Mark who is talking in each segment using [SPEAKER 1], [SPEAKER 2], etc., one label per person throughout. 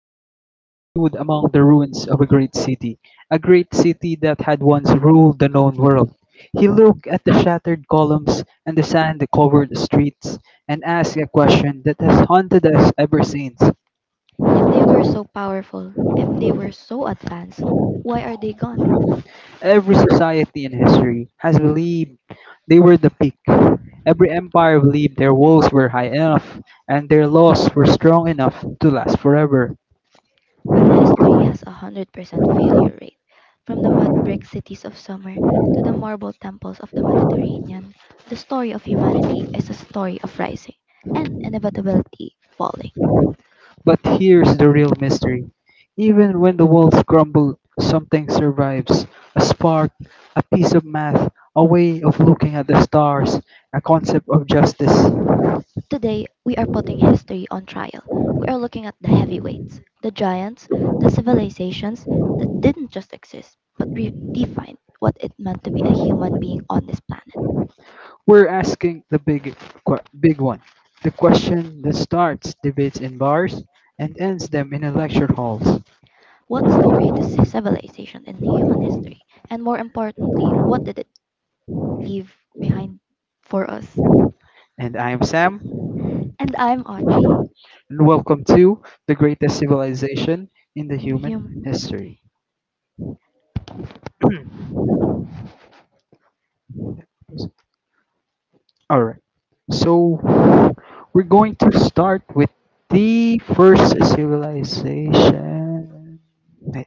[SPEAKER 1] traveler stood among the ruins of a great city that had once ruled the known world. He looked at the shattered columns and the sand covered streets and asked a question that has haunted us ever since.
[SPEAKER 2] If they were so powerful, if they were so advanced, why are they gone?
[SPEAKER 1] Every society in history has believed they were the peak. Every empire believed their walls were high enough and their laws were strong enough to last forever.
[SPEAKER 2] But history has a 100% failure rate. From the mud brick cities of summer to the marble temples of the Mediterranean, the story of humanity is a story of rising and inevitability falling.
[SPEAKER 1] But here's the real mystery: even when the walls crumble, something survives. A spark, a piece of math, a way of looking at the stars, a concept of justice.
[SPEAKER 2] Today, we are putting history on trial. We are looking at the heavyweights, the giants, the civilizations that didn't just exist, but redefined what it meant to be a human being on this planet.
[SPEAKER 1] We're asking the big one, the question that starts debates in bars and ends them in lecture halls.
[SPEAKER 2] What's the greatest civilization in human history? And more importantly, what did it leave behind for us?
[SPEAKER 1] And I am Sam,
[SPEAKER 2] And I'm Audrey,
[SPEAKER 1] and welcome to the greatest civilization in the
[SPEAKER 2] in human.
[SPEAKER 1] human history. All right. So we're going to start with the first civilization. Wait,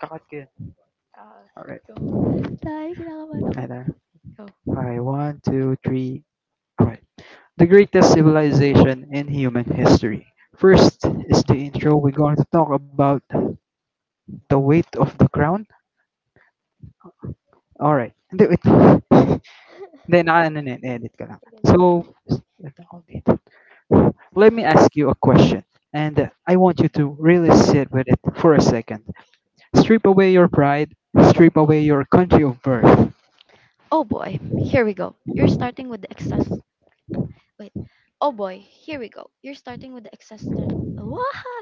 [SPEAKER 1] kakat ko yun.
[SPEAKER 2] Uh,
[SPEAKER 1] All right.
[SPEAKER 2] go. Ay, kinakabahan
[SPEAKER 1] Ay,
[SPEAKER 2] ako.
[SPEAKER 1] tara.
[SPEAKER 2] Go.
[SPEAKER 1] Okay, one, two, three. All right. The greatest civilization in human history. First is the intro. We're going to talk about the weight of the crown. All right. Hindi, wait. Hindi, naka, ano na yun, edit ka lang. So, wait, ako dito. Let me ask you a question, and I want you to really sit with it for a second. Strip away your pride, strip away your country of birth.
[SPEAKER 2] Oh boy, here we go. You're starting with the excess. Wait. Oh boy, here we go. You're starting with the excess. Wah!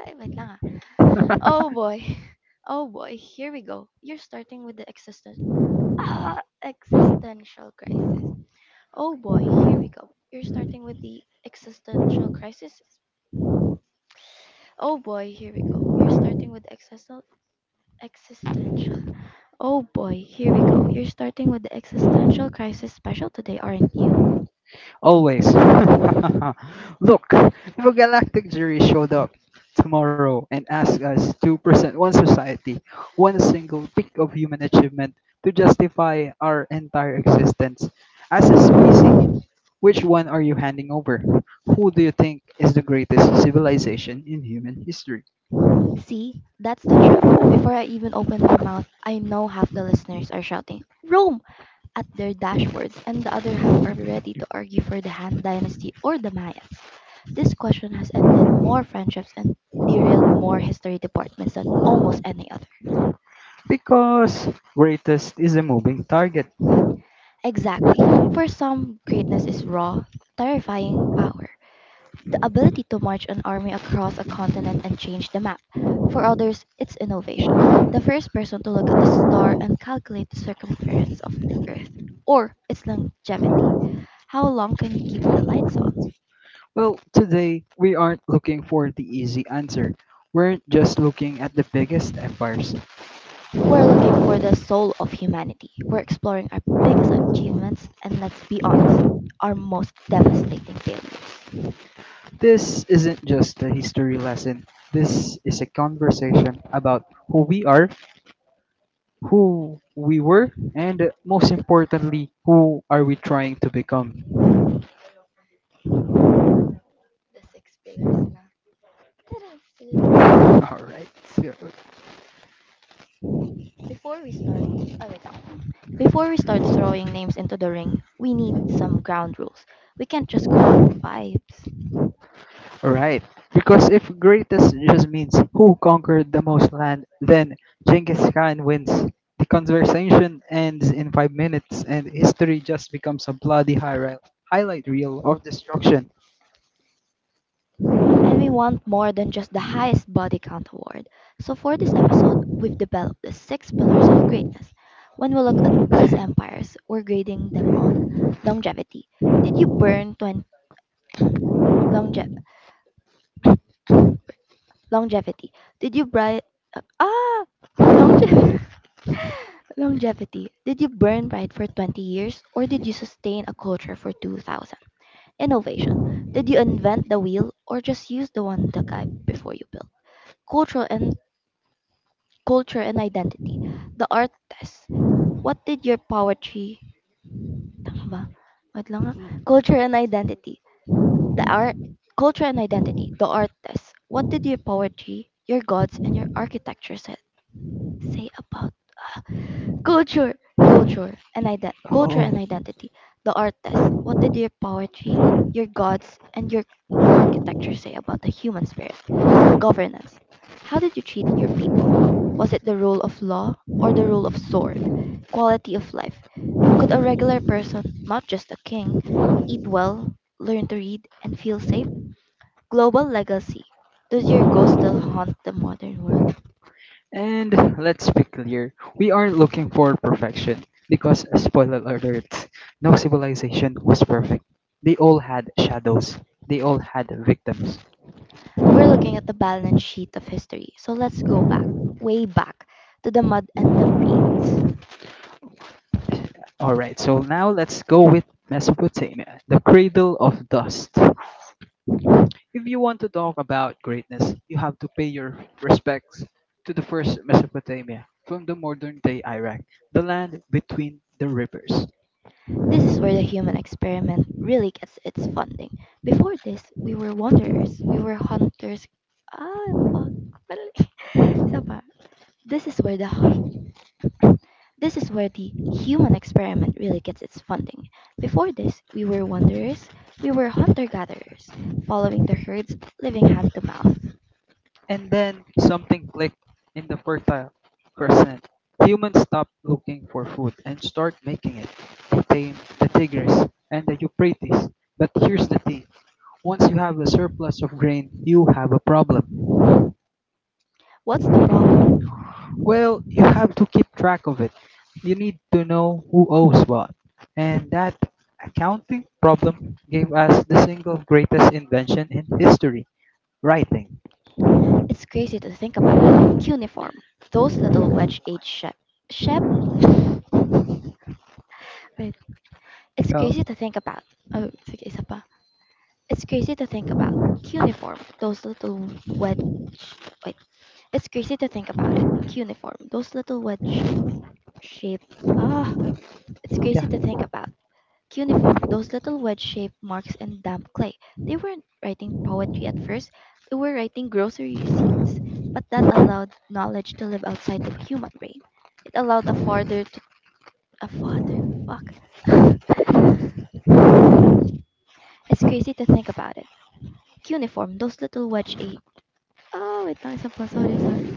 [SPEAKER 2] Wait lang ah. Oh boy. Oh boy, here we go. You're starting with the existential existential crisis. Oh boy, here we go. You're starting with the existential crisis. Oh boy, here we go. You're starting with existential existential. Oh boy, here we go. You're starting with the existential crisis special today, aren't you?
[SPEAKER 1] Always. Look, if a galactic jury showed up tomorrow and asked us to present one society, one single peak of human achievement to justify our entire existence as a species, which one are you handing over? Who do you think is the greatest civilization in human history?
[SPEAKER 2] See, that's the trap. Before I even open my mouth, I know half the listeners are shouting Rome at their dashboards, and the other half are ready to argue for the Han Dynasty or the Mayans. This question has ended more friendships and derailed more history departments than almost any other.
[SPEAKER 1] Because greatest is a moving target.
[SPEAKER 2] Exactly. For some, greatness is raw, terrifying power, the ability to march an army across a continent and change the map. For others, it's innovation, the first person to look at the star and calculate the circumference of the Earth. Or it's longevity. How long can you keep the lights on?
[SPEAKER 1] Well, today we aren't looking for the easy answer. We're just looking at the biggest empires.
[SPEAKER 2] We're looking for the soul of humanity. We're exploring our biggest achievements and, let's be honest, our most devastating failures.
[SPEAKER 1] This isn't just a history lesson. This is a conversation about who we are, who we were, and most importantly, who are we trying to become.
[SPEAKER 2] The six pillars na. Tara!
[SPEAKER 1] All right.
[SPEAKER 2] Before we start, oh wait lang. Before we start throwing names into the ring, we need some ground rules. We can't just go on vibes.
[SPEAKER 1] Right. Because if greatest just means who conquered the most land, then Genghis Khan wins. The conversation ends in 5 minutes, and history just becomes a bloody highlight reel of destruction.
[SPEAKER 2] And we want more than just the highest body count award. So for this episode, we've developed the six pillars of grade. When we look at these empires, we're grading them on longevity. Did you burn 20 longe- longevity? Did you bright? ah longevity? Longevity. Did you burn bright for 20 years or did you sustain a culture for 2000? Innovation. Did you invent the wheel or just use the one the guy before you built? Cultural and culture and identity. The art test. What did your poetry Tama ba? Wait lang ah. Culture and identity. The art culture and identity. The art test. What did your poetry, your gods and your architecture said, say about Culture, culture, culture and
[SPEAKER 1] Oh,
[SPEAKER 2] identity. The art test. What did your poetry, your gods, and your architecture say about the human spirit? Governance. How did you treat your people? Was it the rule of law or the rule of sword? Quality of life. Could a regular person, not just a king, eat well, learn to read, and feel safe? Global legacy. Does your ghost still haunt the modern world?
[SPEAKER 1] and let's be clear: we aren't looking for perfection because, spoiler alert, no civilization was perfect. They all had shadows. They all had victims.
[SPEAKER 2] We're looking at the balance sheet of history, so let's go back, way back, to the mud and the reed.
[SPEAKER 1] All right, so now let's go with Mesopotamia, the cradle of dust. If you want to talk about greatness, you have to pay your respects to the first Mesopotamia from the modern day Iraq, the land between the rivers.
[SPEAKER 2] This is where the human experiment really gets its funding. Before this, we were wanderers, we were hunters. Ah, fuck. Tama. This is where the hu- this is where the human experiment really gets its funding. Before this, we were wanderers, we were hunter gatherers, following the herds, living hand to mouth.
[SPEAKER 1] And then something clicked in the fertile crescent. Humans stopped looking for food and start making it. They tamed the Tigris and the Euphrates. But here's the thing, once you have a surplus of grain, you have a problem.
[SPEAKER 2] What's the problem?
[SPEAKER 1] Well, you have to keep track of it. You need to know who owes what. And that accounting problem gave us the single greatest invention in history, writing.
[SPEAKER 2] It's crazy to think about it. Uniform. Those little wedge-shaped shape. Shape? Wait. It's
[SPEAKER 1] Oh,
[SPEAKER 2] crazy to think about. Oh, sige, isa pa. It's crazy to think about. Uniform. Those little wed... Wait. It's crazy to think about it. Uniform. Those little wedge-shaped... Ah, it's crazy
[SPEAKER 1] yeah.
[SPEAKER 2] to think about. Cuneiform, those little wedge-shaped marks in damp clay. They weren't writing poetry at first, they were writing grocery receipts. But that allowed knowledge to live outside the human brain. It allowed a father to, a farther, fuck. It's crazy to think about it. Cuneiform, those little wedge a oh wait lang isa pa, sorry, sorry.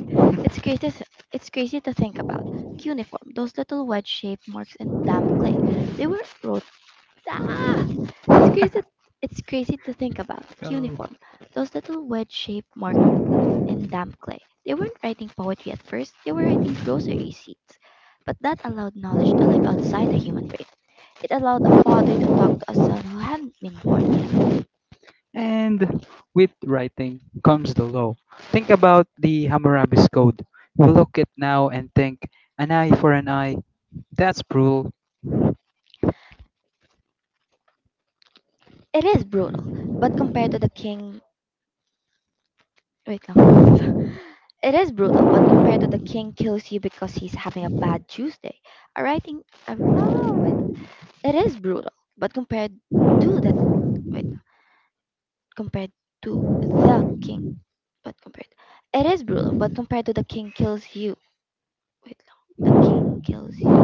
[SPEAKER 2] It's crazy s- it's crazy to think about. Cuneiform, those little wedge shaped marks in damp clay. They were Ah, it's crazy. It's crazy to think about.
[SPEAKER 1] Oh.
[SPEAKER 2] Cuneiform, those little wedge-shaped marks in damp clay. They weren't writing poetry at first. They were writing grocery receipts. But that allowed knowledge to live outside the human brain. It allowed a father to talk to a son who hadn't been born yet.
[SPEAKER 1] And with writing comes the law. Think about the Hammurabi's Code. We look at now and think, an eye for an eye, that's brutal.
[SPEAKER 2] It is brutal, but compared to the king, wait lang. It is brutal, but compared to the king kills you because he's having a bad Tuesday. A writing, a, oh, wait. It is brutal, but compared to that. Compared to the king, but compared it is brutal, but compared to the king kills you. Wait, no, the king kills you.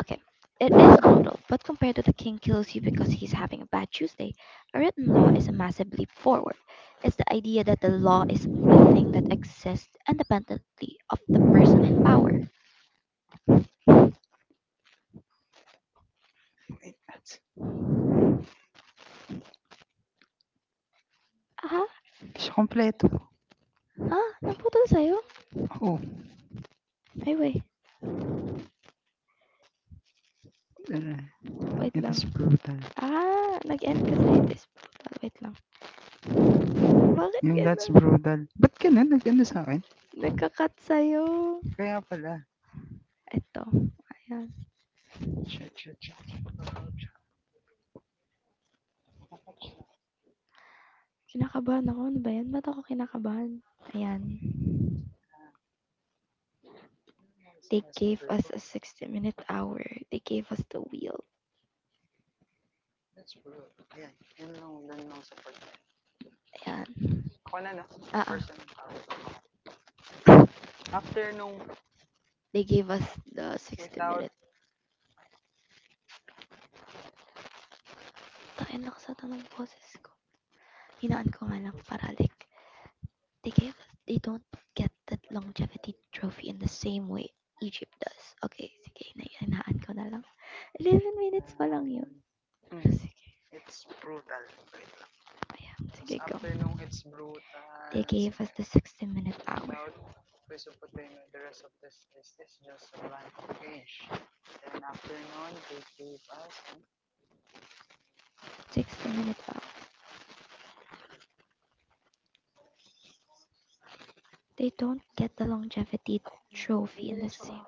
[SPEAKER 2] Okay, it is brutal, but compared to the king kills you because he's having a bad Tuesday. A written law is a massive leap forward. It's the idea that the law is a thing that exists independently of the person in power.
[SPEAKER 1] That's,
[SPEAKER 2] Aha,
[SPEAKER 1] hindi siya kompleto.
[SPEAKER 2] ha, naputol sa'yo?
[SPEAKER 1] Oh,
[SPEAKER 2] Ay, wait,
[SPEAKER 1] ano,
[SPEAKER 2] wait
[SPEAKER 1] eh,
[SPEAKER 2] lang.
[SPEAKER 1] that's brutal.
[SPEAKER 2] Ah, nag-end kasi it is brutal. Wait lang. Bakit
[SPEAKER 1] Yung
[SPEAKER 2] ganun?
[SPEAKER 1] that's brutal. Ba't ganun? Nag-ano sa akin?
[SPEAKER 2] Nagka-cut sa'yo.
[SPEAKER 1] Kaya pala.
[SPEAKER 2] Eto, ayan.
[SPEAKER 1] Shit, shit, shit.
[SPEAKER 2] Kinakabahan ako, ano ba 'yan? Ba't ako kinakabahan? Ayan. They gave us a 60 minute hour, they gave us the wheel, ayan. Oo, they gave us the 60 minute. Tangina, lakas ata ng boses ko. Hinaan ko nga lang, paralik. They gave us they don't get that longevity trophy in the same way Egypt does. Okey, sige, hinaan ko na lang. 11 minutes pa lang 'yun, pero sige. Ayan, sige go. They gave us the 60-minute hour. 60-minute hour. They don't get the longevity trophy in the same.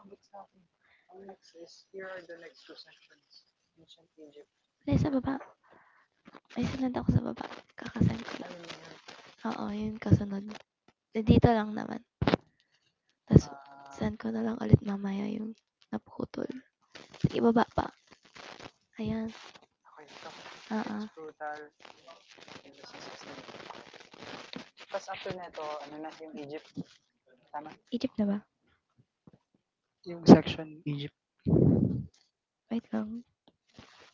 [SPEAKER 2] Hindi, sa baba. May sinad ako sa baba. Kakasend ko lang. Oo, yun kasunod. Eh, Dito lang naman. Tapos, send ko na lang ulit mamaya yung naputol. Sige, baba pa. Ayan. Oo. Egypt na ba?
[SPEAKER 1] Yung section Egypt
[SPEAKER 2] Wait lang,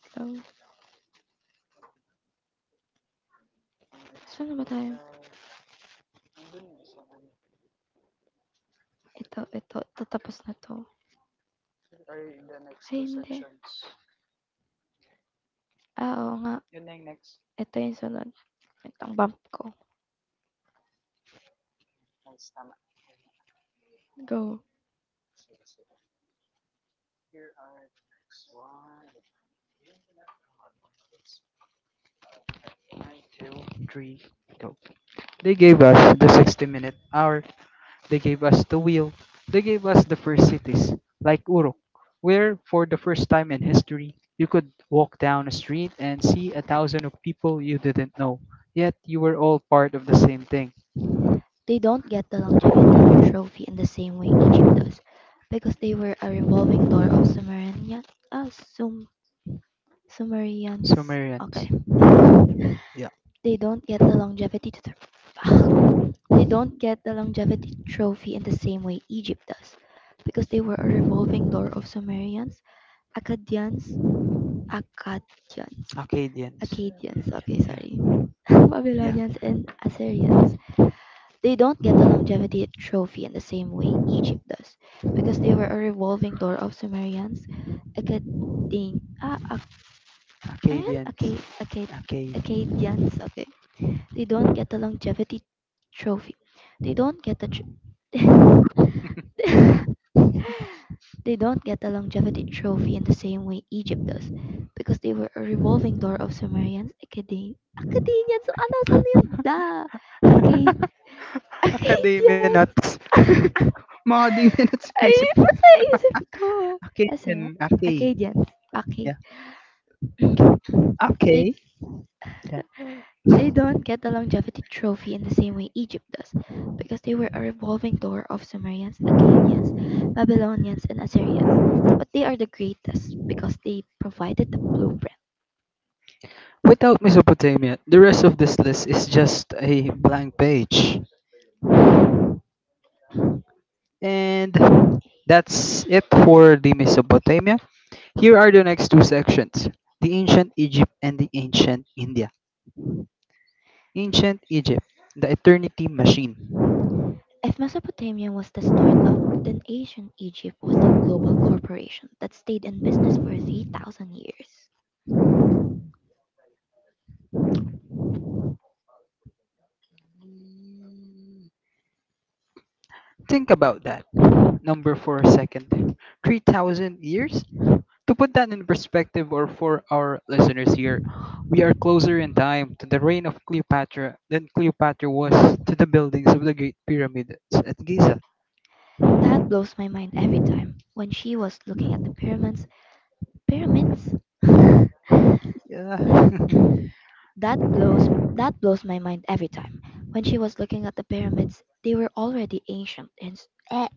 [SPEAKER 2] wait lang. Saan na ba tayo? Ito tapos na 'to. Ay hindi. Ah, oo nga, ito yung sunod. Wait lang, bump ko. Go.
[SPEAKER 1] 923 go. They gave us the 60-minute hour. They gave us the wheel. They gave us the first cities, like Uruk, where for the first time in history, you could walk down a street and see a thousand of people you didn't know. Yet you were all part of the same thing.
[SPEAKER 2] They don't get the longevity trophy in the same way Egypt does, because they were a revolving door of Sumerian, ah, Sum, Sumerians. Okay.
[SPEAKER 1] Sumerians. Yeah.
[SPEAKER 2] They don't get the longevity to ugh, they don't get the longevity trophy in the same way Egypt does, because they were a revolving door of Sumerians, Akkadians, Akkadians,
[SPEAKER 1] Akkadians.
[SPEAKER 2] Akkadians, okay,
[SPEAKER 1] Yeah.
[SPEAKER 2] sorry,
[SPEAKER 1] Yeah.
[SPEAKER 2] Babylonians and Assyrians. They don't get the longevity trophy in the same way Egypt does, because they were a revolving door of Sumerians, Akkadian, ah, Ak- ano yan?
[SPEAKER 1] Akkadians.
[SPEAKER 2] Akka- Akka-
[SPEAKER 1] Okay.
[SPEAKER 2] Akkadians, okay. They don't get the longevity trophy. They don't get the tr- They don't get the longevity trophy in the same way Egypt does because they were a revolving door of Sumerians, Akkadian, Akkadians, so ano, saan yun? Ah, Akkad,
[SPEAKER 1] Academia nuts.
[SPEAKER 2] Akkadians.
[SPEAKER 1] Mga di minutes
[SPEAKER 2] Ay,
[SPEAKER 1] naisip
[SPEAKER 2] basta isip ko.
[SPEAKER 1] okay,
[SPEAKER 2] Kasi,
[SPEAKER 1] Acadian, Acay,
[SPEAKER 2] Akkadians, Akkad.
[SPEAKER 1] yeah,
[SPEAKER 2] They,
[SPEAKER 1] okay, yeah.
[SPEAKER 2] they don't get the longevity trophy in the same way Egypt does because they were a revolving door of Sumerians, Akkadians, Babylonians, and Assyrians. But they are the greatest because they provided the blueprint.
[SPEAKER 1] Without Mesopotamia, the rest of this list is just a blank page. And that's it for the Mesopotamia. Here are the next two sections, the ancient Egypt and the ancient India. Ancient Egypt, the eternity machine.
[SPEAKER 2] Mesopotamia was the startup and ancient Egypt was the global corporation that stayed in business for 3,000 years.
[SPEAKER 1] Think about that. Number for a second. 3,000 years? To put that in perspective, or for our listeners here, we are closer in time to the reign of Cleopatra than Cleopatra was to the buildings of the Great Pyramids at Giza.
[SPEAKER 2] That blows my mind every time. When she was looking at the pyramids, pyramids?
[SPEAKER 1] Yeah.
[SPEAKER 2] that blows that blows my mind every time. When she was looking at the pyramids, they were already ancient and s- eh,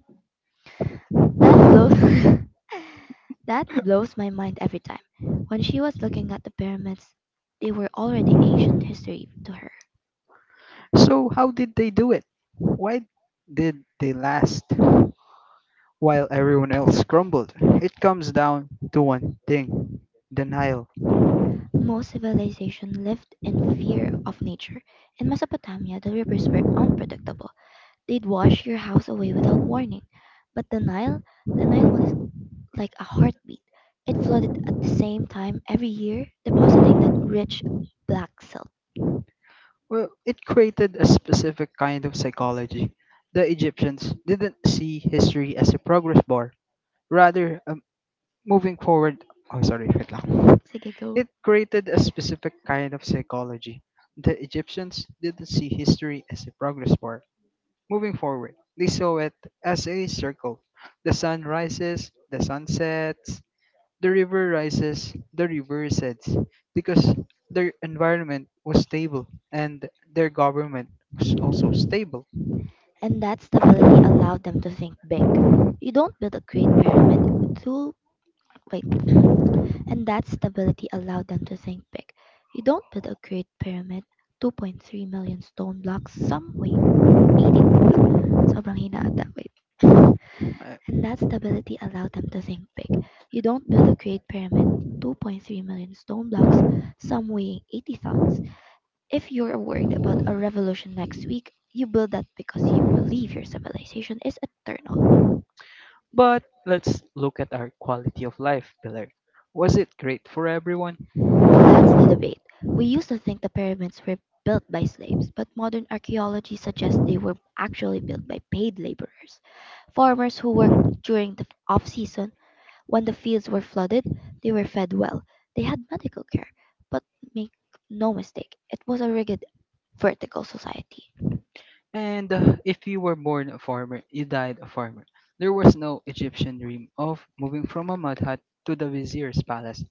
[SPEAKER 2] that blows that blows my mind every time. When she was looking at the pyramids, they were already ancient history to her.
[SPEAKER 1] So, how did they do it? Why did they last while everyone else crumbled? It comes down to one thing, denial.
[SPEAKER 2] Most civilization lived in fear of nature. In Mesopotamia, the rivers were unpredictable. They'd wash your house away without warning. But the Nile was like a heartbeat. It flooded at the same time every year, depositing that rich black silt.
[SPEAKER 1] Well, it created a specific kind of psychology. The Egyptians didn't see history as a progress bar, rather, a moving forward, oh sorry, wait lang.
[SPEAKER 2] You go.
[SPEAKER 1] It created a specific kind of psychology. The Egyptians didn't see history as a progress bar. Moving forward, they saw it as a circle. The sun rises, the sun sets, the river rises, the river sets, because their environment was stable and their government was also stable.
[SPEAKER 2] And that stability allowed them to think big. You don't build a great pyramid. Two, wait. And that stability allowed them to think big. You don't build a great pyramid, 2.3 million stone blocks, some weight, eh, sobrang hina ata, wait.
[SPEAKER 1] Uh,
[SPEAKER 2] And that stability allowed them to think big. You don't build a great pyramid, 2.3 million stone blocks, some weighing 80 tons. If you're worried about a revolution next week, you build that because you believe your civilization is eternal.
[SPEAKER 1] But let's look at our quality of life pillar. Was it great for everyone?
[SPEAKER 2] That's the debate. We used to think the pyramids were built by slaves, but modern archaeology suggests they were actually built by paid laborers. Farmers who worked during the off season when the fields were flooded, they were fed well. They had medical care, but make no mistake, it was a rigid vertical society.
[SPEAKER 1] And if you were born a farmer, you died a farmer. There was no Egyptian dream of moving from a mud hut to the vizier's palace.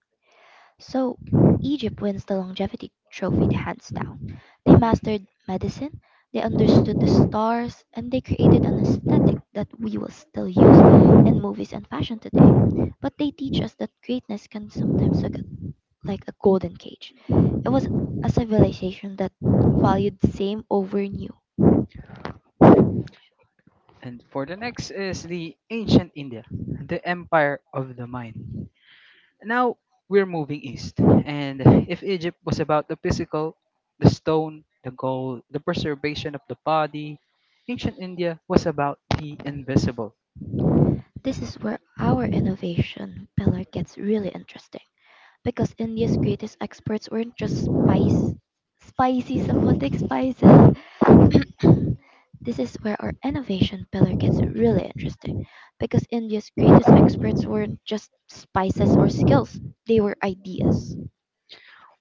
[SPEAKER 2] So Egypt wins the longevity trophy hands down. They
[SPEAKER 1] Hmm.
[SPEAKER 2] mastered medicine, they understood the stars, and they created an aesthetic that we will still use in movies and fashion today. But they teach us that greatness can sometimes look like a golden cage. It was a civilization that valued same over new.
[SPEAKER 1] And for the next is the ancient India, the empire of the mind. Now we're moving east. And if Egypt was about the physical, the stone, the gold, the preservation of the body, ancient India was about the invisible.
[SPEAKER 2] This is where our innovation pillar gets really interesting because India's greatest experts weren't just spice, spicy somewhat like spices This is where our innovation pillar gets really interesting because India's greatest exports weren't just spices or skills, they were ideas.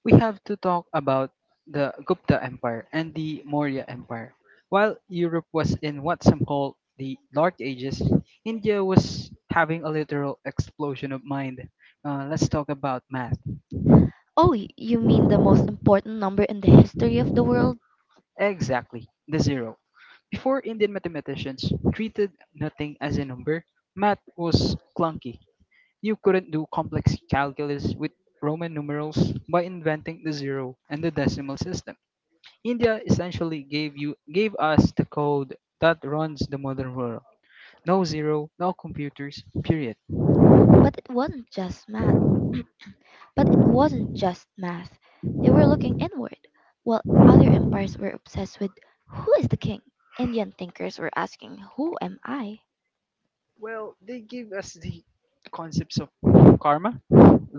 [SPEAKER 1] We have to talk about the Gupta Empire and the Maurya Empire. While Europe was in what some call the Dark Ages, India was having a literal explosion of mind. Let's talk about math.
[SPEAKER 2] Oh, you mean the most important number in the history of the world?
[SPEAKER 1] Exactly, the zero. Before Indian mathematicians treated nothing as a number, math was clunky. You couldn't do complex calculus with Roman numerals. By inventing the zero and the decimal system, India essentially gave us the code that runs the modern world. No zero, no computers, period.
[SPEAKER 2] But it wasn't just math. But it wasn't just math. They were looking inward, while other empires were obsessed with who is the king. Indian thinkers were asking, who am I?
[SPEAKER 1] Well, they gave us the concepts of karma,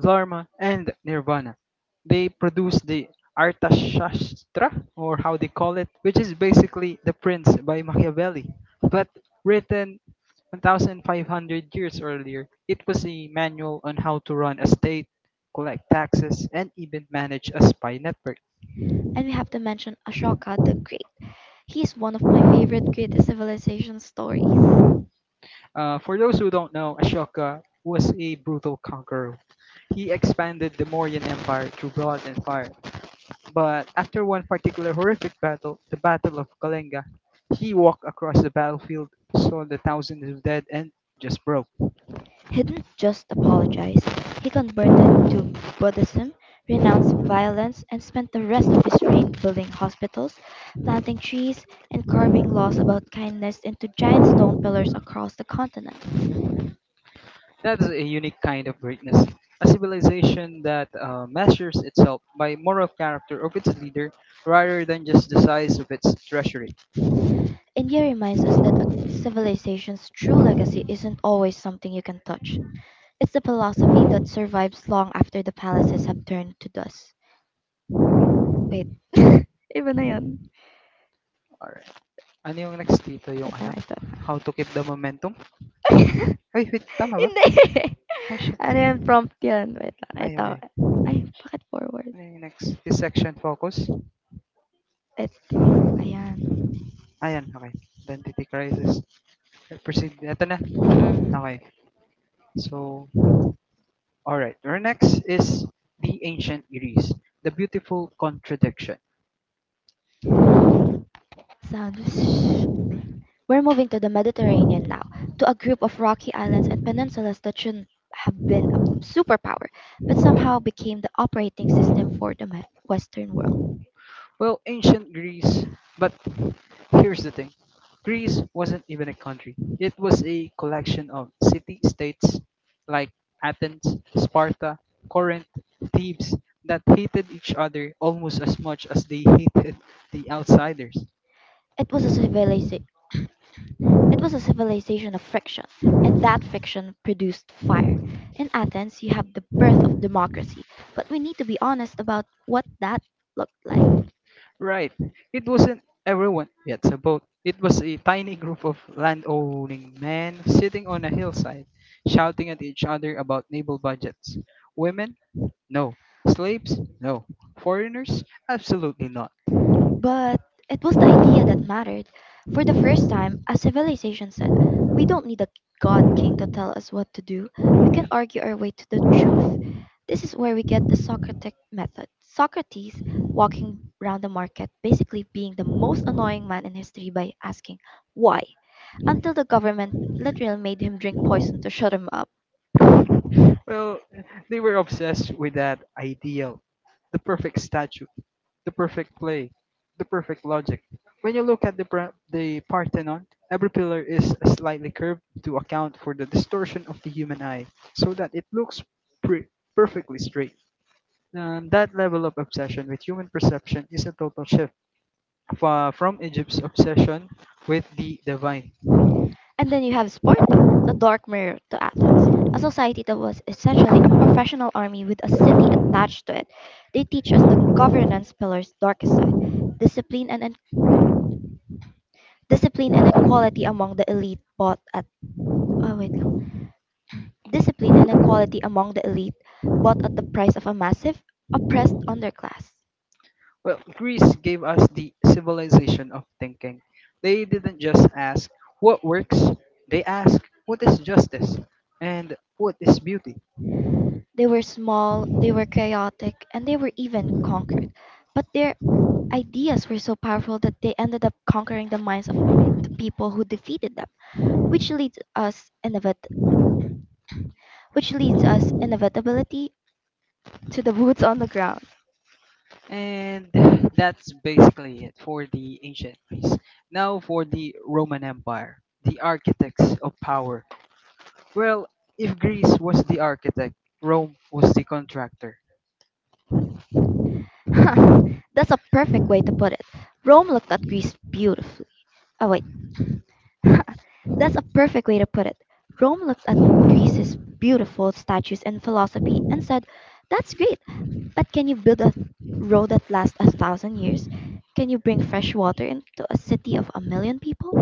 [SPEAKER 1] dharma, and nirvana. They produced the Arthashastra, or how they call it, which is basically The Prince by Machiavelli, but written 1,500 years earlier. It was a manual on how to run a state, collect taxes, and even manage a spy network.
[SPEAKER 2] And we have to mention Ashoka the Great. He is one of my favorite great civilization stories.
[SPEAKER 1] For those who don't know, Ashoka was a brutal conqueror. He expanded the Mauryan Empire through blood and fire. But after one particular horrific battle, the Battle of Kalinga, he walked across the battlefield, saw the thousands of dead, and just broke.
[SPEAKER 2] He didn't just apologize, he converted to Buddhism, renounced violence, and spent the rest of his reign building hospitals, planting trees, and carving laws about kindness into giant stone pillars across the continent.
[SPEAKER 1] That is a unique kind of greatness. A civilization that measures itself by moral character of its leader rather than just the size of its treasury.
[SPEAKER 2] India reminds us that a civilization's true legacy isn't always something you can touch. It's the philosophy that survives long after the palaces have turned to dust. Wait. Iba na yan.
[SPEAKER 1] Alright. Ano yung next dito? Yung
[SPEAKER 2] Wait
[SPEAKER 1] ano?
[SPEAKER 2] lang, ito na.
[SPEAKER 1] How to keep the momentum? Ay, wait. Tama ba?
[SPEAKER 2] Hindi.
[SPEAKER 1] Question.
[SPEAKER 2] Ano yan, prompt yun. Wait lang,
[SPEAKER 1] Ay,
[SPEAKER 2] ito.
[SPEAKER 1] okay.
[SPEAKER 2] Ay, bakit forward?
[SPEAKER 1] Ay, next, this section focus.
[SPEAKER 2] Ito. Ayan.
[SPEAKER 1] Ayan, okay. Identity crisis. Proceed. Ito na.
[SPEAKER 2] Mm-mm.
[SPEAKER 1] Okay. So, alright. Our next is the ancient Greece. The beautiful contradiction.
[SPEAKER 2] Sound. Shh. We're moving to the Mediterranean now, to a group of rocky islands and peninsulas that shouldn't have been a superpower, but somehow became the operating system for the Western world.
[SPEAKER 1] Well, ancient Greece, but here's the thing. Greece wasn't even a country. It was a collection of city-states like Athens, Sparta, Corinth, Thebes that hated each other almost as much as they hated the outsiders.
[SPEAKER 2] It was a civilization. It was a civilization of friction, and that fiction produced fire. In Athens, you have the birth of democracy, but we need to be honest about what that looked like.
[SPEAKER 1] Right. It wasn't everyone gets a boat. It was a tiny group of landowning men sitting on a hillside, shouting at each other about naval budgets. Women? No. Slaves? No. Foreigners? Absolutely not.
[SPEAKER 2] But it was the idea that mattered. For the first time, a civilization said, we don't need a god king to tell us what to do. We can argue our way to the truth. This is where we get the Socratic method. Socrates walking around the market, basically being the most annoying man in history by asking, why? Until the government literally made him drink poison to shut him up.
[SPEAKER 1] Well, they were obsessed with that ideal, the perfect statue, the perfect play, the perfect logic. When you look at the Parthenon, every pillar is slightly curved to account for the distortion of the human eye, so that it looks pre- perfectly straight. That level of obsession with human perception is a total shift from Egypt's obsession with the divine.
[SPEAKER 2] And then you have Sparta, the dark mirror to Athens, a society that was essentially a professional army with a city attached to it. They teach us the governance pillar's darkest side, discipline and en- discipline and equality among the elite, bought at oh wait no, discipline and equality among the elite, bought at the price of a massive oppressed underclass.
[SPEAKER 1] Well, Greece gave us the civilization of thinking. They didn't just ask what works, they asked what is justice and what is beauty.
[SPEAKER 2] They were small, they were chaotic, and they were even conquered. But their ideas were so powerful that they ended up conquering the minds of the people who defeated them, which leads us inevit- which leads us inevitability to the boots on the ground.
[SPEAKER 1] And that's basically it for the ancient Greece. Now for the Roman Empire, the architects of power. Well, if Greece was the architect, Rome was the contractor.
[SPEAKER 2] That's a perfect way to put it. Rome looked at Greece beautifully. Oh wait, That's a perfect way to put it. Rome looked at Greece's beautiful statues and philosophy and said, "That's great, but can you build a road that lasts a thousand years? Can you bring fresh water into a city of a million people?"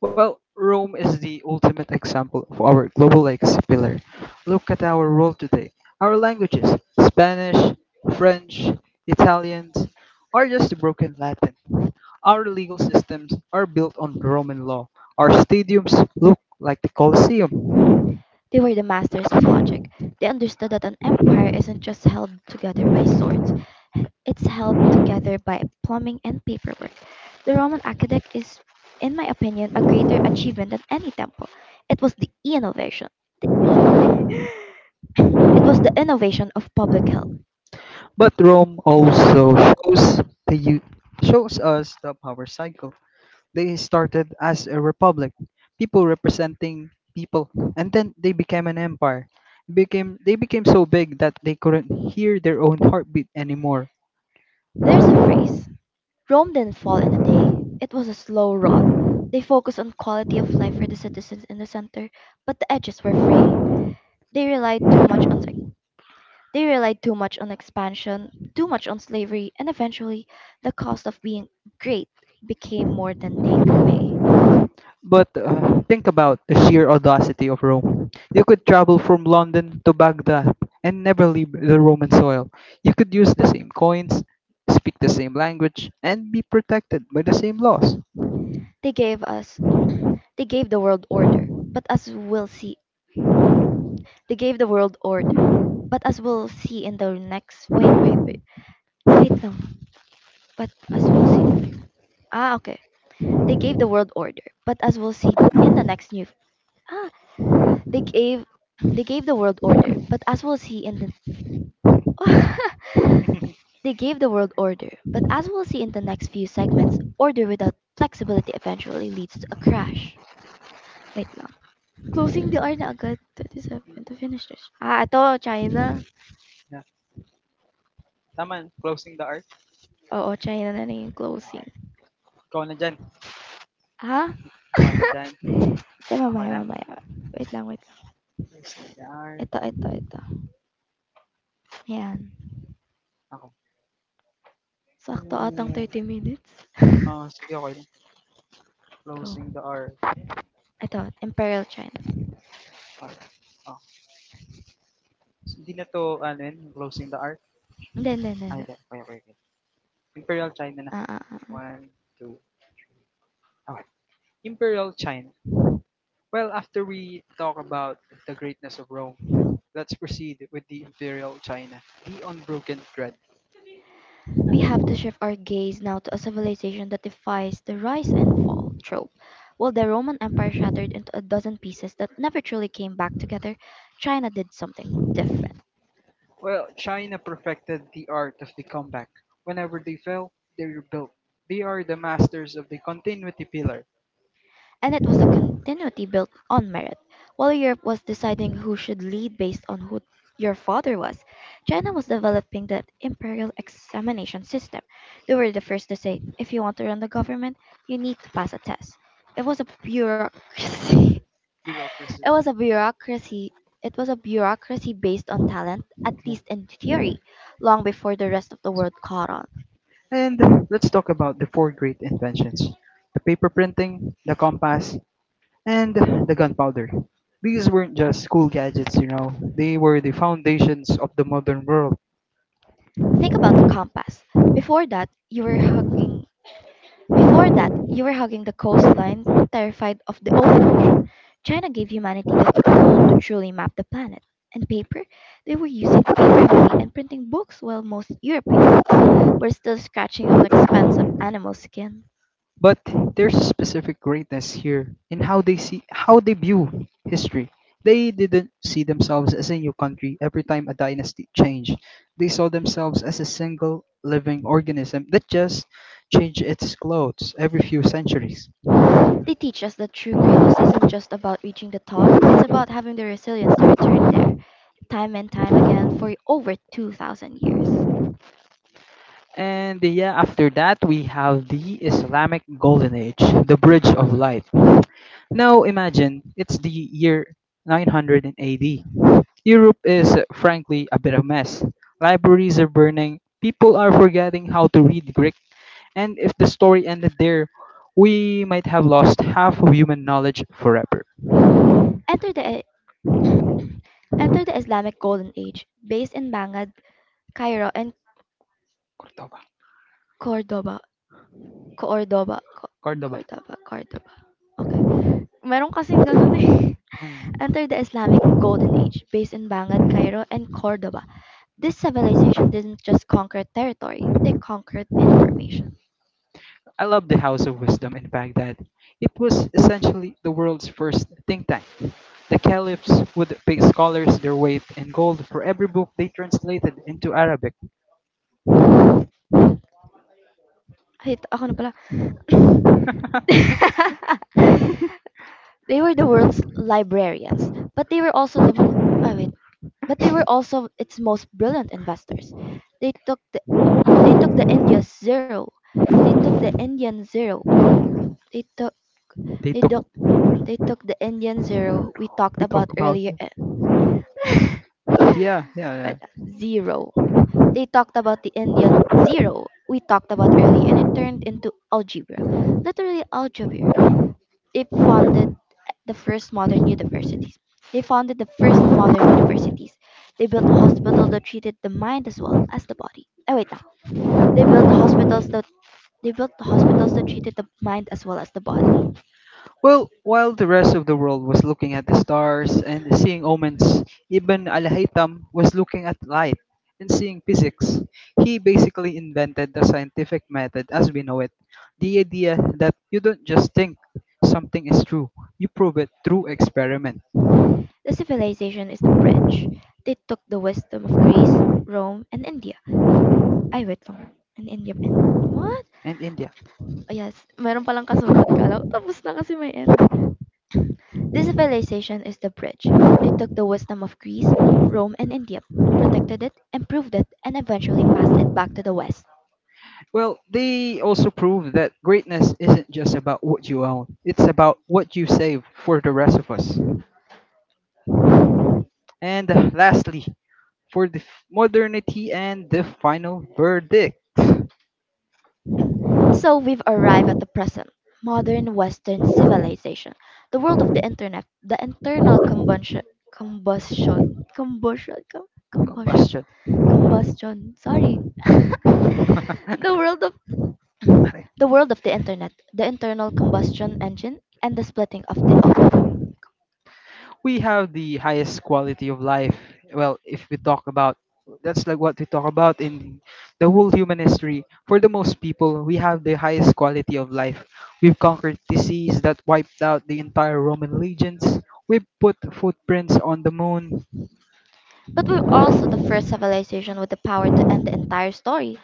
[SPEAKER 1] Well, Rome is the ultimate example of our global legacy pillar. Look at our role today. Our languages, Spanish, French, Italian, are just broken Latin. Our legal systems are built on Roman law. Our stadiums look like the Colosseum.
[SPEAKER 2] They were the masters of logic. They understood that an empire isn't just held together by swords, it's held together by plumbing and paperwork. The Roman aqueduct is, in my opinion, a greater achievement than any temple. It was the innovation. The innovation. It was the innovation of public health.
[SPEAKER 1] But Rome also the, u- shows us the power cycle. They started as a republic, people representing people, and then they became an empire. Became they became so big that they couldn't hear their own heartbeat anymore.
[SPEAKER 2] There's a phrase: Rome didn't fall in a day, it was a slow rot. They focused on quality of life for the citizens in the center, but the edges were frayed. They relied too much on They relied too much on expansion, too much on slavery, and eventually the cost of being great became more than they could pay.
[SPEAKER 1] But think about the sheer audacity of Rome. You could travel from London to Baghdad and never leave the Roman soil. You could use the same coins, speak the same language, and be protected by the same laws.
[SPEAKER 2] They gave us they gave the world order. But as we'll see they gave the world order. But as we'll see in the next wait, wait, wait. Wait no. But as we'll see Ah okay. They gave the world order. But as we'll see in the next new ah they gave they gave the world order. But as we'll see in the They gave the world order, but as we'll see in the next few segments, order without flexibility eventually leads to a crash. Wait lang. Closing the hour na agad. 27 to finish this. Ah, ito, China.
[SPEAKER 1] Yeah.
[SPEAKER 2] Oo, China na na yung closing.
[SPEAKER 1] Okay. Ikaw na dyan.
[SPEAKER 2] Ha?
[SPEAKER 1] Ikaw na dyan.
[SPEAKER 2] Di
[SPEAKER 1] Ako
[SPEAKER 2] mamaya,
[SPEAKER 1] na.
[SPEAKER 2] mamaya. Wait lang, wait lang.
[SPEAKER 1] SDR.
[SPEAKER 2] Ito, ito, ito. Ayan.
[SPEAKER 1] Ako.
[SPEAKER 2] Sakto atang 30 minutes.
[SPEAKER 1] Ah, sige okey lang.
[SPEAKER 2] Go.
[SPEAKER 1] Closing the hour,
[SPEAKER 2] Ito, Imperial China.
[SPEAKER 1] ah, ah, hindi na 'to ano 'yan, closing the hour?
[SPEAKER 2] Hindi, hindi, hindi.
[SPEAKER 1] Ah,
[SPEAKER 2] Hindi.
[SPEAKER 1] hindi, okey, okey, okey. Imperial China na.
[SPEAKER 2] Ah, ah, ah. Ah.
[SPEAKER 1] 1, 2, okey. Imperial China. Well, after we talk about the greatness of Rome, let's proceed with the Imperial China, the unbroken thread.
[SPEAKER 2] We have to shift our gaze now to a civilization that defies the rise and fall trope. While the Roman Empire shattered into a dozen pieces that never truly came back together, China did something different.
[SPEAKER 1] Well, China perfected the art of the comeback. Whenever they fell, they rebuilt. They are the masters of the continuity pillar,
[SPEAKER 2] And it was a continuity built on merit. While Europe was deciding who should lead based on who your father was, China was developing the imperial examination system. They were the first to say, if you want to run the government, you need to pass a test. It was a bureaucracy
[SPEAKER 1] bureaucracy.
[SPEAKER 2] It was a bureaucracy. It was a bureaucracy based on talent, at least in theory, long before the rest of the world caught on.
[SPEAKER 1] And let's talk about the four great inventions, the paper printing, the compass, and the gunpowder. These weren't just cool gadgets, you know, they were the foundations of the modern world.
[SPEAKER 2] Think about the compass. Before that, you were hugging. Before that, you were hugging the coastline, terrified of the open ocean. China gave humanity the tool to truly map the planet. And paper, they were using paper money and printing books, while most Europeans were still scratching on expensive animal skin.
[SPEAKER 1] But there's a specific greatness here in how they see how they view history. They didn't see themselves as a new country every time a dynasty changed. They saw themselves as a single living organism that just changed its clothes every few centuries.
[SPEAKER 2] They teach us that true greatness isn't just about reaching the top, it's about having the resilience to return there, time and time again for over 2,000 years.
[SPEAKER 1] And yeah, after that, we have the Islamic Golden Age, the Bridge of Light. Now imagine it's the year 900 AD. Europe is frankly a bit of a mess. Libraries are burning, people are forgetting how to read Greek, and if the story ended there, we might have lost half of human knowledge forever.
[SPEAKER 2] Enter the, enter the Islamic Golden Age, based in Baghdad, Cairo, and
[SPEAKER 1] Cordoba.
[SPEAKER 2] Cordoba. Cordoba. Co-
[SPEAKER 1] Cordoba.
[SPEAKER 2] Cordoba, Cordoba. Okay. Meron kasing ganun eh.
[SPEAKER 1] Mm.
[SPEAKER 2] Enter the Islamic Golden Age, based in Baghdad, Cairo, and Cordoba. This civilization didn't just conquer territory, they conquered information.
[SPEAKER 1] I love the House of Wisdom in Baghdad. It was essentially the world's first think tank. The caliphs would pay scholars their weight in gold for every book they translated into Arabic.
[SPEAKER 2] Ay, ako na pala. They were the world's librarians, but they were also the most I mean, but they were also its most brilliant investors. They took the they took the India's zero. They took the Indian zero. We they took
[SPEAKER 1] They
[SPEAKER 2] they
[SPEAKER 1] took
[SPEAKER 2] took they took the Indian zero we talked
[SPEAKER 1] we
[SPEAKER 2] about
[SPEAKER 1] talk about
[SPEAKER 2] earlier.
[SPEAKER 1] yeah, yeah,
[SPEAKER 2] but
[SPEAKER 1] yeah.
[SPEAKER 2] zero. They talked about the Indian zero we talked about earlier, and it turned into algebra, literally algebra. They funded the first modern universities. They founded the first modern universities. They built hospitals that treated the mind as well as the body. Oh wait, no. They built hospitals that they built hospitals that treated the mind as well as the body.
[SPEAKER 1] Well, while the rest of the world was looking at the stars and seeing omens, Ibn al-Haytham was looking at light and seeing physics. He basically invented the scientific method as we know it. The idea that you don't just think something is true, you prove it through experiment.
[SPEAKER 2] The civilization is the bridge. They took the wisdom of Greece, Rome, and India. Ay, wait. And India and what?
[SPEAKER 1] And India.
[SPEAKER 2] Oh, yes. Meron palang kasunod. Kala, tapos na kasi may end. This civilization is the bridge. It took the wisdom of Greece, Rome, and India, protected it, improved it, and eventually passed it back to the West.
[SPEAKER 1] Well, they also prove that greatness isn't just about what you own, it's about what you save for the rest of us. And lastly, for the f- modernity and the final verdict
[SPEAKER 2] So we've arrived at the present modern Western civilization, the world of the internet, the internal combustion, combustion, combustion, com- combustion,
[SPEAKER 1] combustion.
[SPEAKER 2] combustion. Sorry,
[SPEAKER 1] I
[SPEAKER 2] the world of the world of the internet, the internal combustion engine, and the splitting of the atom.
[SPEAKER 1] we have the highest quality of life. Well, if we talk about that's like what we talk about in the whole human history. For the most people, we have the highest quality of life. We've conquered disease that wiped out the entire Roman legions. We've put footprints on the moon.
[SPEAKER 2] But we're also the first civilization with the power to end the entire story.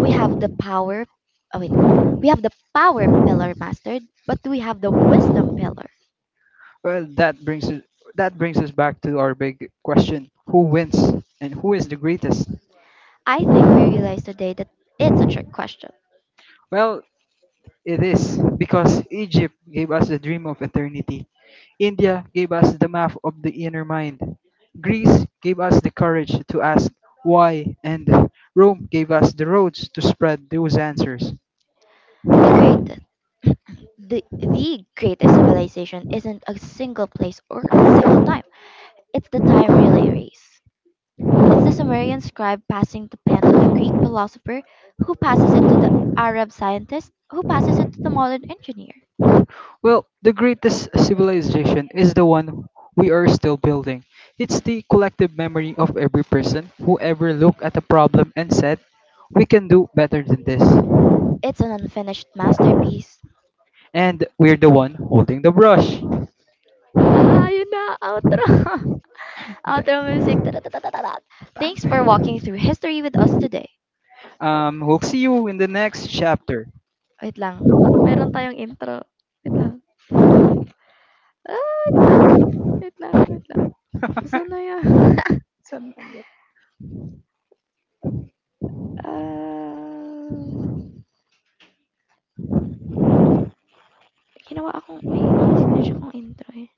[SPEAKER 2] We have the power. Oh wait, we have the power pillar mastered, but do we have the wisdom pillar?
[SPEAKER 1] Well, that brings us back to our big question: Who wins and who is the greatest?
[SPEAKER 2] I think we realize today that it's a trick question.
[SPEAKER 1] Well, it is because Egypt gave us the dream of eternity. India gave us the map of the inner mind. Greece gave us the courage to ask why, and Rome gave us the roads to spread those answers.
[SPEAKER 2] The great, the greatest civilization isn't a single place or a single time. It's the time relay race. It's the Sumerian scribe passing the pen to the Greek philosopher, who passes it to the Arab scientist, who passes it to the modern engineer.
[SPEAKER 1] Well, the greatest civilization is the one we are still building. It's the collective memory of every person who ever looked at a problem and said, we can do better than this.
[SPEAKER 2] It's an unfinished masterpiece.
[SPEAKER 1] And we're the one holding the brush.
[SPEAKER 2] Ah, yun na, outro. Outro music. Tatatatatat. Thanks for
[SPEAKER 1] Th-
[SPEAKER 2] walking through history with us today.
[SPEAKER 1] We'll see you in the next chapter.
[SPEAKER 2] Wait lang, meron tayong intro. Wait lang, wait lang. Ah, wait lang. Wait lang, wait lang. Asan na yan? Um, ginawa akong may meron akong intro eh.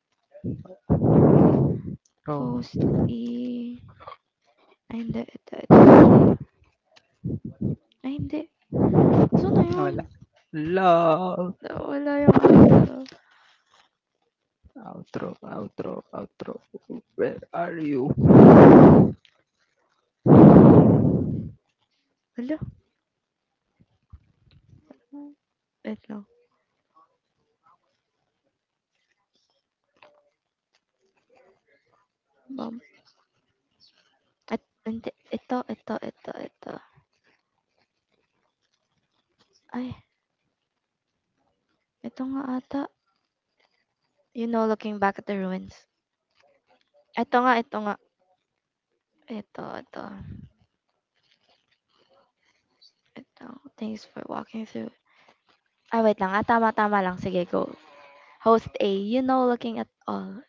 [SPEAKER 1] Oh,
[SPEAKER 2] Host eh. Ay, hindi. Ito, ito. Ay, hindi. Saan na yun?
[SPEAKER 1] wala. Love.
[SPEAKER 2] Wala yung out.
[SPEAKER 1] Outro, outro, outro. Where are you?
[SPEAKER 2] Wala. Wait lang. Bam. At, hindi. Ito, ito, ito, ito. Ay. Ito nga ata, you know, looking back at the ruins. Ito nga, ito nga. Ito, ito, ito. Thanks for walking through. Ah, wait lang. Ah, tama, tama lang. Sige, go. Host A, you know, looking at all.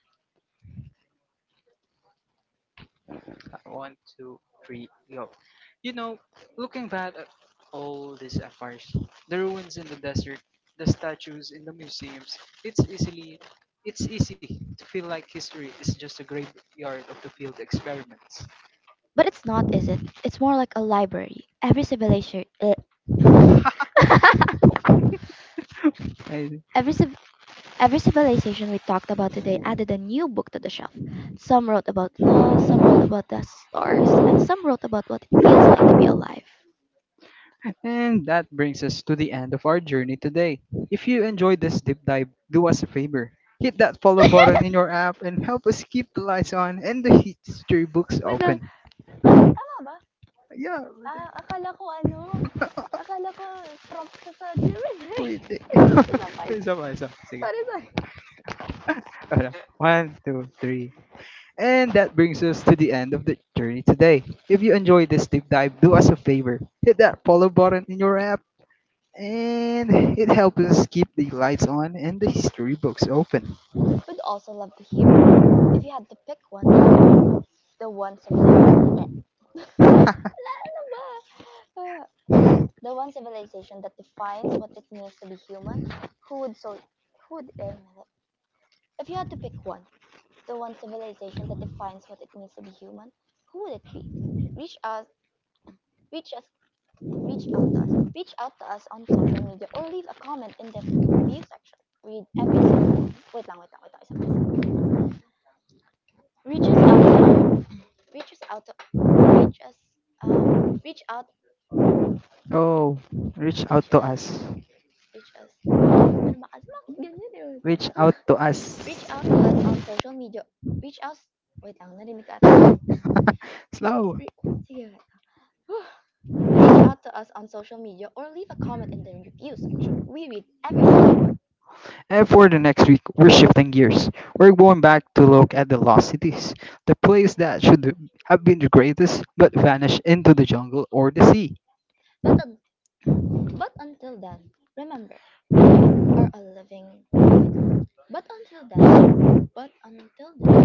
[SPEAKER 1] One, two, three, go. You know, looking back at all these affairs, the ruins in the desert, the statues in the museums, it's easily it's easy to feel like history is just a graveyard of the field experiments.
[SPEAKER 2] But it's not, is it? It's more like a library.
[SPEAKER 1] I
[SPEAKER 2] Every civ- every civilization we talked about today added a new book to the shelf. Some wrote about law, some wrote about the stars, and some wrote about what it feels like to be alive.
[SPEAKER 1] and that brings us to the end of our journey today. If you enjoyed this deep dive, do us a favor. Hit that follow button in your app and help us keep the lights on and the history books
[SPEAKER 2] Wait lang.
[SPEAKER 1] open.
[SPEAKER 2] Ta- tama ba?
[SPEAKER 1] Yeah, pwede.
[SPEAKER 2] Ah, akala ko ano. Akala ko prompt siya sa Gemini.
[SPEAKER 1] Pwede. Isa pa, isa. Pa. Sige.
[SPEAKER 2] Sorry, sorry.
[SPEAKER 1] Wala. One, two, three. And that brings us to the end of the journey today. If you enjoyed this deep dive, do us a favor. Hit that follow button in your app and it helps us keep the lights on and the history books open.
[SPEAKER 2] We'd also love to hear from you. If you had to pick one, the one civilization. ano ba? Ah, the one civilization that defines what it means to be human, who would so who if you had to pick one, the one civilization that defines what it means to be human, who would it be? Reach us reach us reach out to us. Reach out to us on social media or leave a comment in the review section. Read every single wait lang, wait lang, wait lang, isa pa, isa pa. Reach us out to our Reach us out, reach, ah, reach out,
[SPEAKER 1] Oh, reach out
[SPEAKER 2] reach
[SPEAKER 1] to
[SPEAKER 2] us,
[SPEAKER 1] us.
[SPEAKER 2] reach us. Emang Ganyan lang.
[SPEAKER 1] Reach out to
[SPEAKER 2] Reach
[SPEAKER 1] us.
[SPEAKER 2] out to us on social media. Reach out, wait lang, narinig ka ata eh.
[SPEAKER 1] Slow.
[SPEAKER 2] Re- Sige. Whew. Reach out to us on social media or leave a comment in the review section. We read every single word.
[SPEAKER 1] And for the next week, we're shifting gears. We're going back to look at the lost cities, the place that should have been the greatest but vanished into the jungle or the sea.
[SPEAKER 2] But un- but until then, remember, you are a living. Oh wait. But until then, but until then,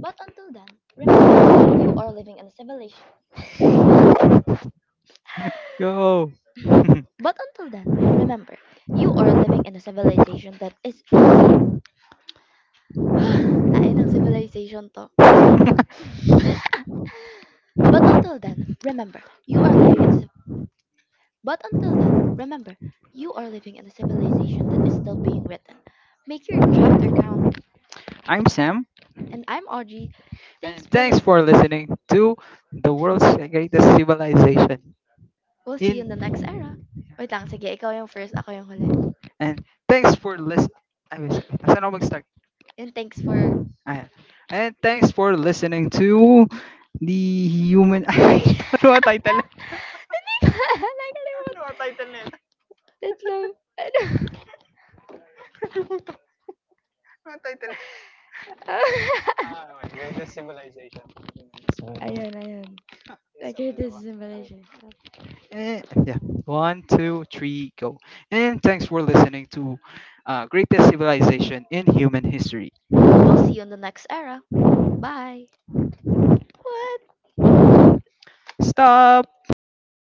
[SPEAKER 2] but until then, remember, you are living in a civilization.
[SPEAKER 1] Yo.
[SPEAKER 2] But until then, remember, you are living in a civilization that is I know civilization to. But until then, remember, you are living in But until then, remember, you are living in a civilization that is still being written. Make your chapter count.
[SPEAKER 1] I'm Sam,
[SPEAKER 2] And I'm Audrey. Thanks
[SPEAKER 1] and
[SPEAKER 2] for
[SPEAKER 1] thanks
[SPEAKER 2] listening.
[SPEAKER 1] for listening to the world's greatest civilization.
[SPEAKER 2] We'll see you in the next
[SPEAKER 1] In
[SPEAKER 2] era. Wait lang, sige, ikaw yung first, ako yung huli.
[SPEAKER 1] and thanks for listening.
[SPEAKER 2] And thanks for...
[SPEAKER 1] Ayan. And thanks for listening to the human. I don't know what title.
[SPEAKER 2] Nakalimutan Wait lang. Ano? I hear this is in Malaysia.
[SPEAKER 1] Eh, yeah. One, two, three, go. And thanks for listening to Greatest Civilization in Human History.
[SPEAKER 2] We'll see you in the next era. Bye. What?
[SPEAKER 1] Stop! Ayan.